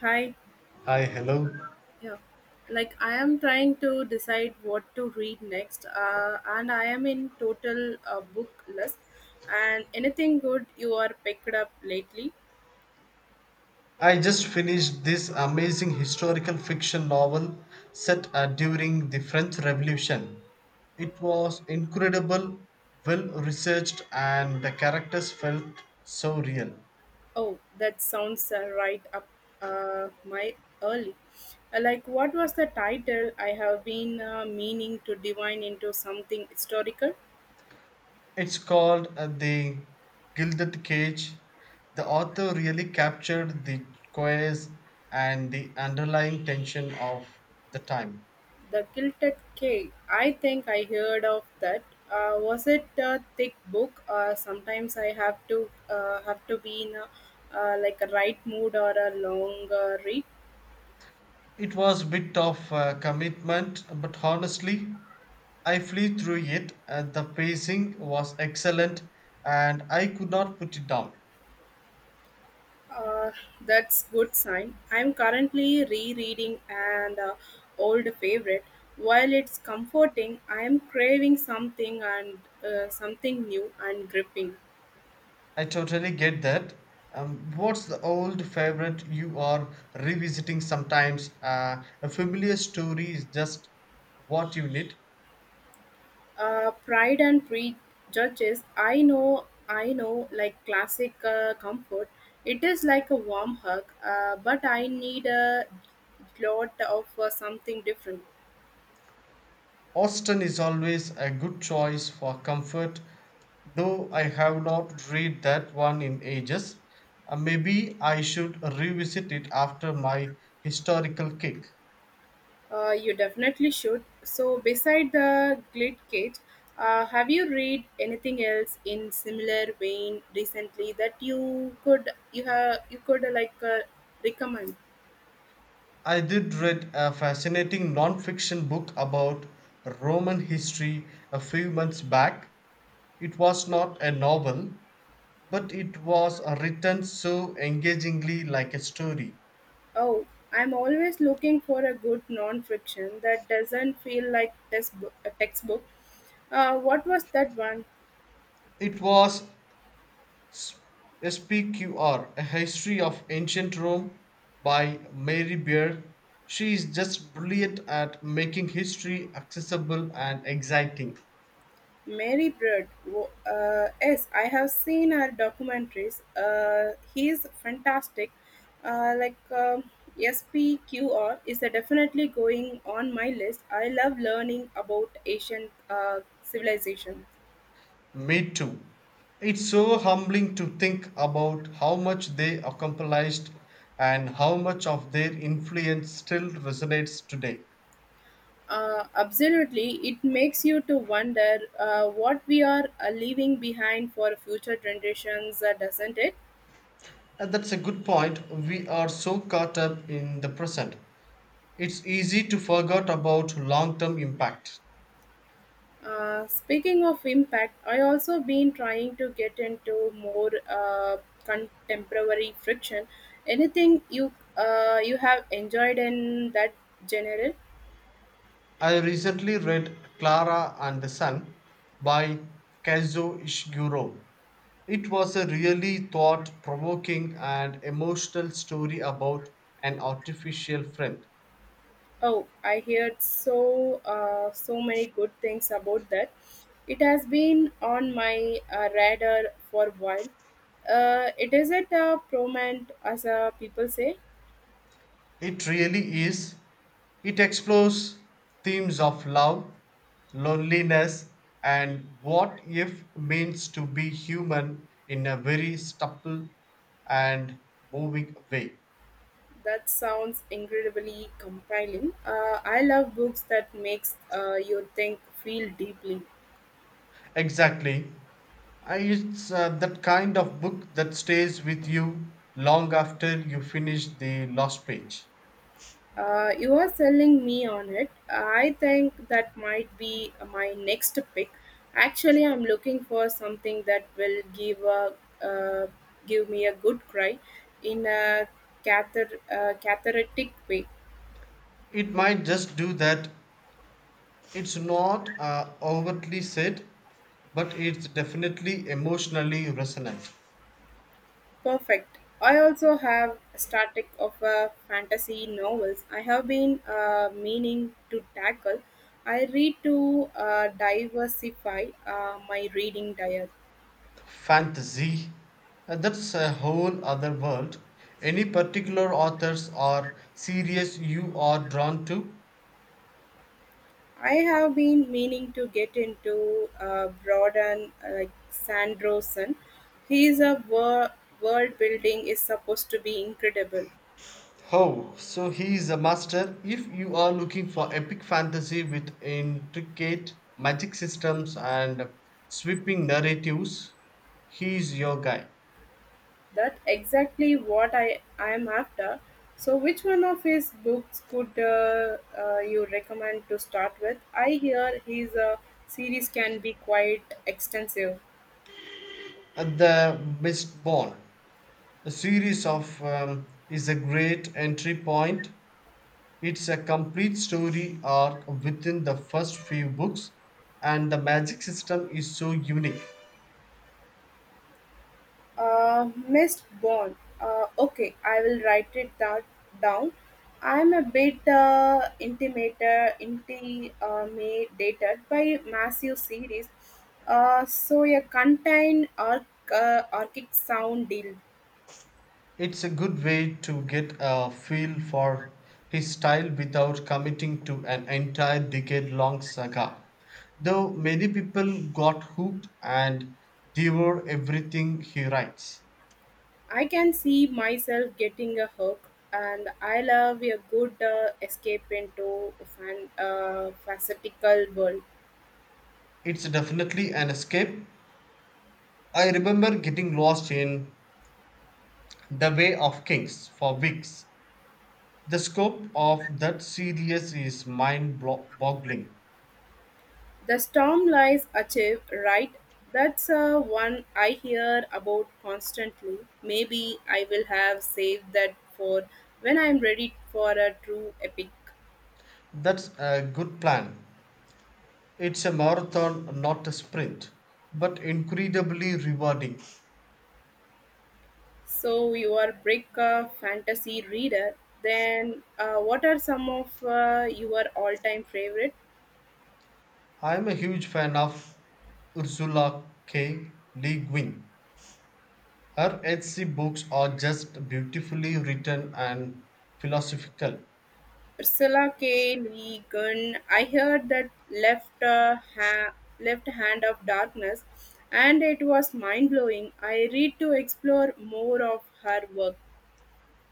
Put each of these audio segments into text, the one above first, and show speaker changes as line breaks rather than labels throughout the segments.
Hi.
Hi, hello.
Yeah. Like I am trying to decide what to read next, and I am in total book list. And anything good you are picked up lately?
I just finished this amazing historical fiction novel set during the French Revolution. It was incredible, well researched, and the characters felt so real.
Oh, that sounds right up my early. Like what was the title? I have been meaning to divine into something historical.
It's called The Gilded Cage. The author really captured the chaos and the underlying tension of the time.
The Gilded Key. I think I heard of that. Was it a thick book? Sometimes I have to have to be in like a right mood or a long read.
It was a bit of a commitment, but honestly, I flew through it. And the pacing was excellent, and I could not put it down.
Uh, that's good sign. I'm currently rereading an old favorite. While it's comforting, I am craving something and something new and gripping.
I totally get that. What's the old favorite you are revisiting sometimes? A familiar story is just what you need.
Pride and Prejudice. I know, like classic comfort. It is like a warm hug, but I need a lot of something different.
Austin is always a good choice for comfort though I have not read that one in ages. Maybe I should revisit it after my historical kick.
You definitely should. So, beside the Glit Cage, have you read anything else in similar vein recently that you could recommend?
I did read a fascinating non-fiction book about Roman history a few months back. It was not a novel, but it was written so engagingly like a story.
Oh, I'm always looking for a good non-fiction that doesn't feel like textbook. A textbook. What was that one?
It was SPQR: A History of Ancient Rome by Mary Beard. She is just brilliant at making history accessible and exciting.
Mary Bird. Yes, I have seen her documentaries. He's fantastic. Uh, like um SPQR is a definitely going on my list. I love learning about Asian civilization.
Me too. It's so humbling to think about how much they accomplished and how much of their influence still resonates today.
Absolutely, it makes you to wonder what we are leaving behind for future generations, doesn't it?
And that's a good point. We are so caught up in the present. It's easy to forget about long term impact.
Speaking of impact, I also been trying to get into more contemporary friction. Anything you you have enjoyed in that genre?
I recently read Clara and the Sun by Kazuo Ishiguro. It was a really thought provoking and emotional story about an artificial friend.
Oh, I heard so many good things about that. It has been on my radar for a while. It is at a prominent, as people say.
It really is. It explores themes of love, loneliness, and what if means to be human in a very supple and moving way.
That sounds incredibly compelling. I love books that makes you think, feel deeply.
Exactly. It's that kind of book that stays with you long after you finish the last page.
You are selling me on it. I think that might be my next pick. Actually, I'm looking for something that will uh, give me a good cry in a cathartic way.
It might just do that. It's not overtly said, but it's definitely emotionally resonant.
Perfect. I also have a static of a fantasy novels. I have been meaning to tackle. I read to diversify my reading diet.
Fantasy, that's a whole other world. Any particular authors or series you are drawn to?
I have been meaning to get into Brodan like Sandrosen. His uh, wor- world building is supposed to be incredible.
Oh, so he is a master. If you are looking for epic fantasy with intricate magic systems and sweeping narratives, he is your guy.
That exactly what I am after. So, which one of his books could you recommend to start with? I hear his series can be quite extensive.
At the Mistborn, a series of is a great entry point. It's a complete story arc within the first few books, and the magic system is so unique.
Missed bond. Okay, I will write it that down. I'm a bit intimidated by massive series. So a contained arc, arctic sound deal.
It's a good way to get a feel for his style without committing to an entire decade long saga. Though many people got hooked and devour everything he writes.
I can see myself getting a hook, and I love a good escape into facetical world.
It's definitely an escape. I remember getting lost in The Way of Kings for weeks. The scope of that series is mind boggling.
The storm lies achieve, right? That's one I hear about constantly. Maybe I will have saved that for when I'm ready for a true epic.
That's a good plan. It's a marathon, not a sprint, but incredibly rewarding.
So you are brick fantasy reader. Then what are some of your all-time favorite?
I'm a huge fan of Ursula K. Le Guin. Her H.C. books are just beautifully written and philosophical.
Ursula K. Le Guin. I heard that left hand of darkness, and it was mind blowing. I read to explore more of her work.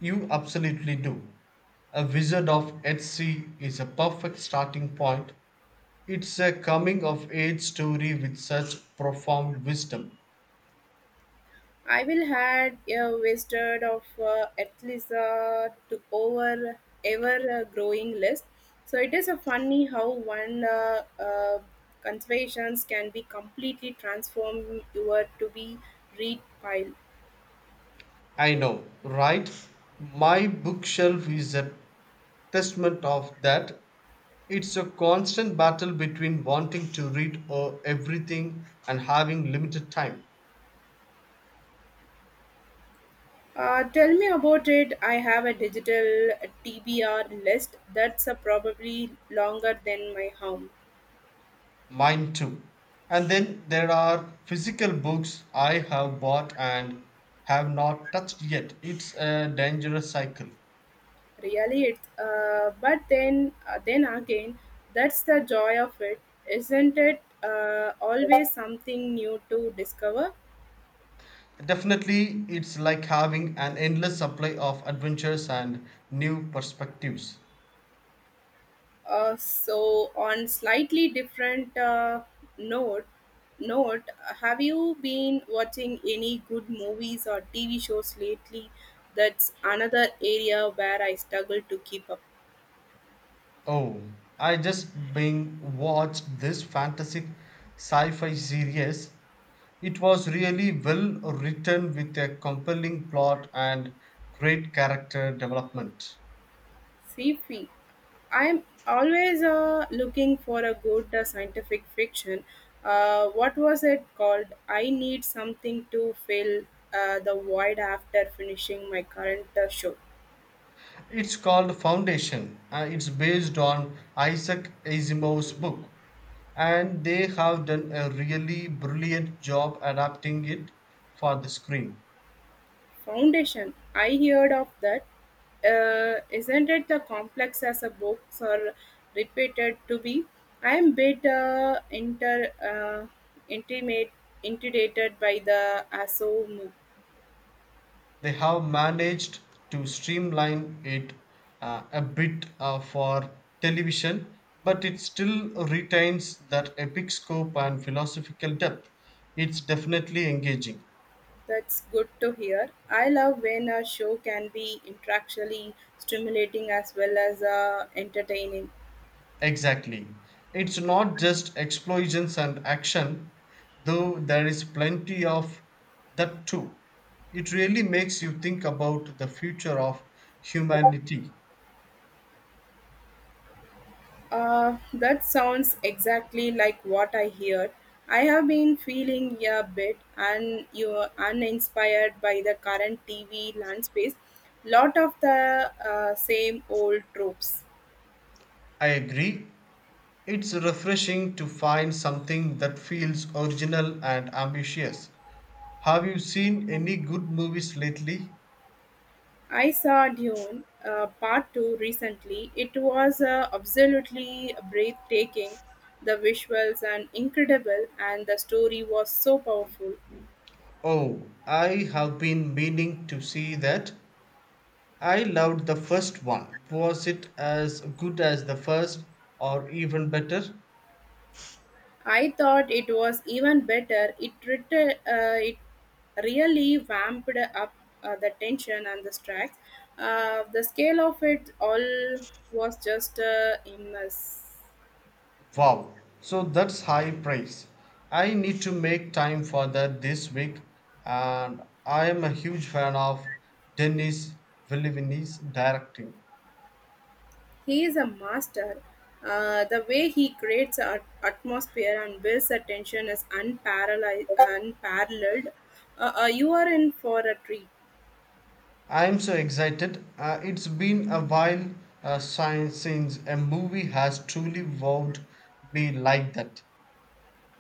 You absolutely do. A Wizard of H.C. is a perfect starting point. It's a coming of age story with such profound wisdom.
I will had a wasted of at least to over ever growing list. So it is a funny how one conservations can be completely transformed. You to be read pile.
I know, right? My bookshelf is a testament of that. It's a constant battle between wanting to read everything and having limited time.
Tell me about it. I have a digital TBR list that's probably longer than my home.
Mine too. And then there are physical books I have bought and have not touched yet. It's a dangerous cycle.
Really, it's but then again, that's the joy of it, isn't it? Always something new to discover.
Definitely. It's like having an endless supply of adventures and new perspectives.
So on slightly different note, note, have you been watching any good movies or TV shows lately? That's another area where I struggle to keep up.
Oh, I just being watched this fantastic sci-fi series. It was really well written with a compelling plot and great character development.
Sci-fi. I'm always looking for a good scientific fiction. What was it called? I need something to fill the void after finishing my current show.
It's called Foundation. It's based on Isaac Asimov's book, and they have done a really brilliant job adapting it for the screen.
Foundation. I heard of that. Isn't it the complex as a books are repeated to be? I am bit inter intimate intimidated by the aso
They have managed to streamline it a bit for television, but it still retains that epic scope and philosophical depth. It's definitely engaging.
That's good to hear. I love when a show can be intellectually stimulating as well as entertaining.
Exactly. It's not just explosions and action, though there is plenty of that too. It really makes you think about the future of humanity.
That sounds exactly like what I hear. I have been feeling a bit un- you uninspired by the current TV landscape. Lot of the same old tropes.
I agree. It's refreshing to find something that feels original and ambitious. Have you seen any good movies lately?
I saw Dune Part 2 recently. It was absolutely breathtaking. The visuals are incredible, and the story was so powerful.
Oh, I have been meaning to see that. I loved the first one. Was it as good as the first or even better?
I thought it was even better. It really vamped up the tension and the stress. The scale of it all was just immense.
Wow, so that's high praise. I need to make time for that this week, and I am a huge fan of Denis Villeneuve's directing.
He is a master. The way he creates an atmosphere and builds a tension is unparalleled. You are in for a treat.
I'm so excited. It's been a while since a movie has truly wowed me like that.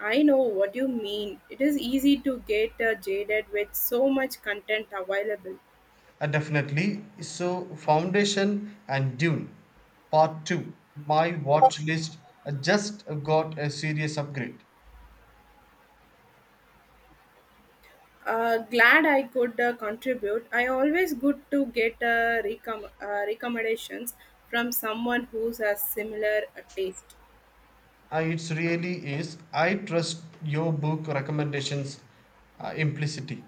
I know what you mean. It is easy to get jaded with so much content available.
Definitely. So, Foundation and Dune, Part 2. My watch list just got a serious upgrade.
Glad I could contribute. I always good to get recommendations from someone who has similar taste.
It really is. I trust your book recommendations implicitly.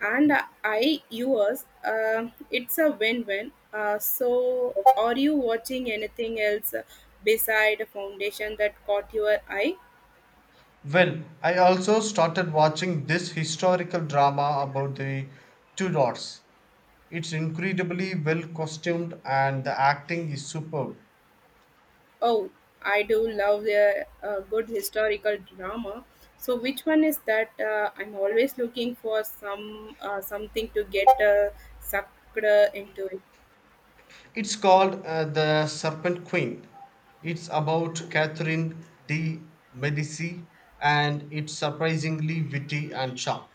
And I yours. It's a win-win. So, are you watching anything else beside Foundation that caught your eye?
Well, I also started watching this historical drama about the Tudors. It's incredibly well costumed and the acting is superb.
Oh, I do love a good historical drama. So, which one is that? I'm always looking for some something to get sucked into.
It's called The Serpent Queen. It's about Catherine de' Medici and it's surprisingly witty and sharp.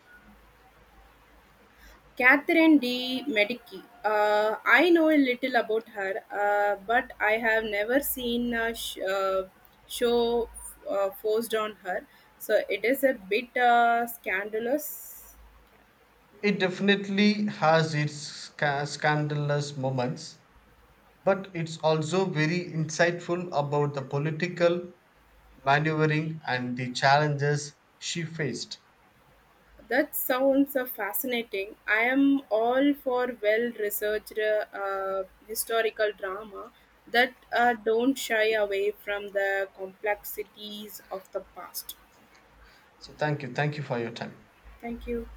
Catherine de' Medici. I know a little about her, but I have never seen show forced on her, so it is a bit scandalous.
It definitely has its scandalous moments, but it's also very insightful about the political maneuvering and the challenges she faced.
That sounds fascinating. I am all for well-researched historical drama that don't shy away from the complexities of the past.
So, thank you. Thank you for your time.
Thank you.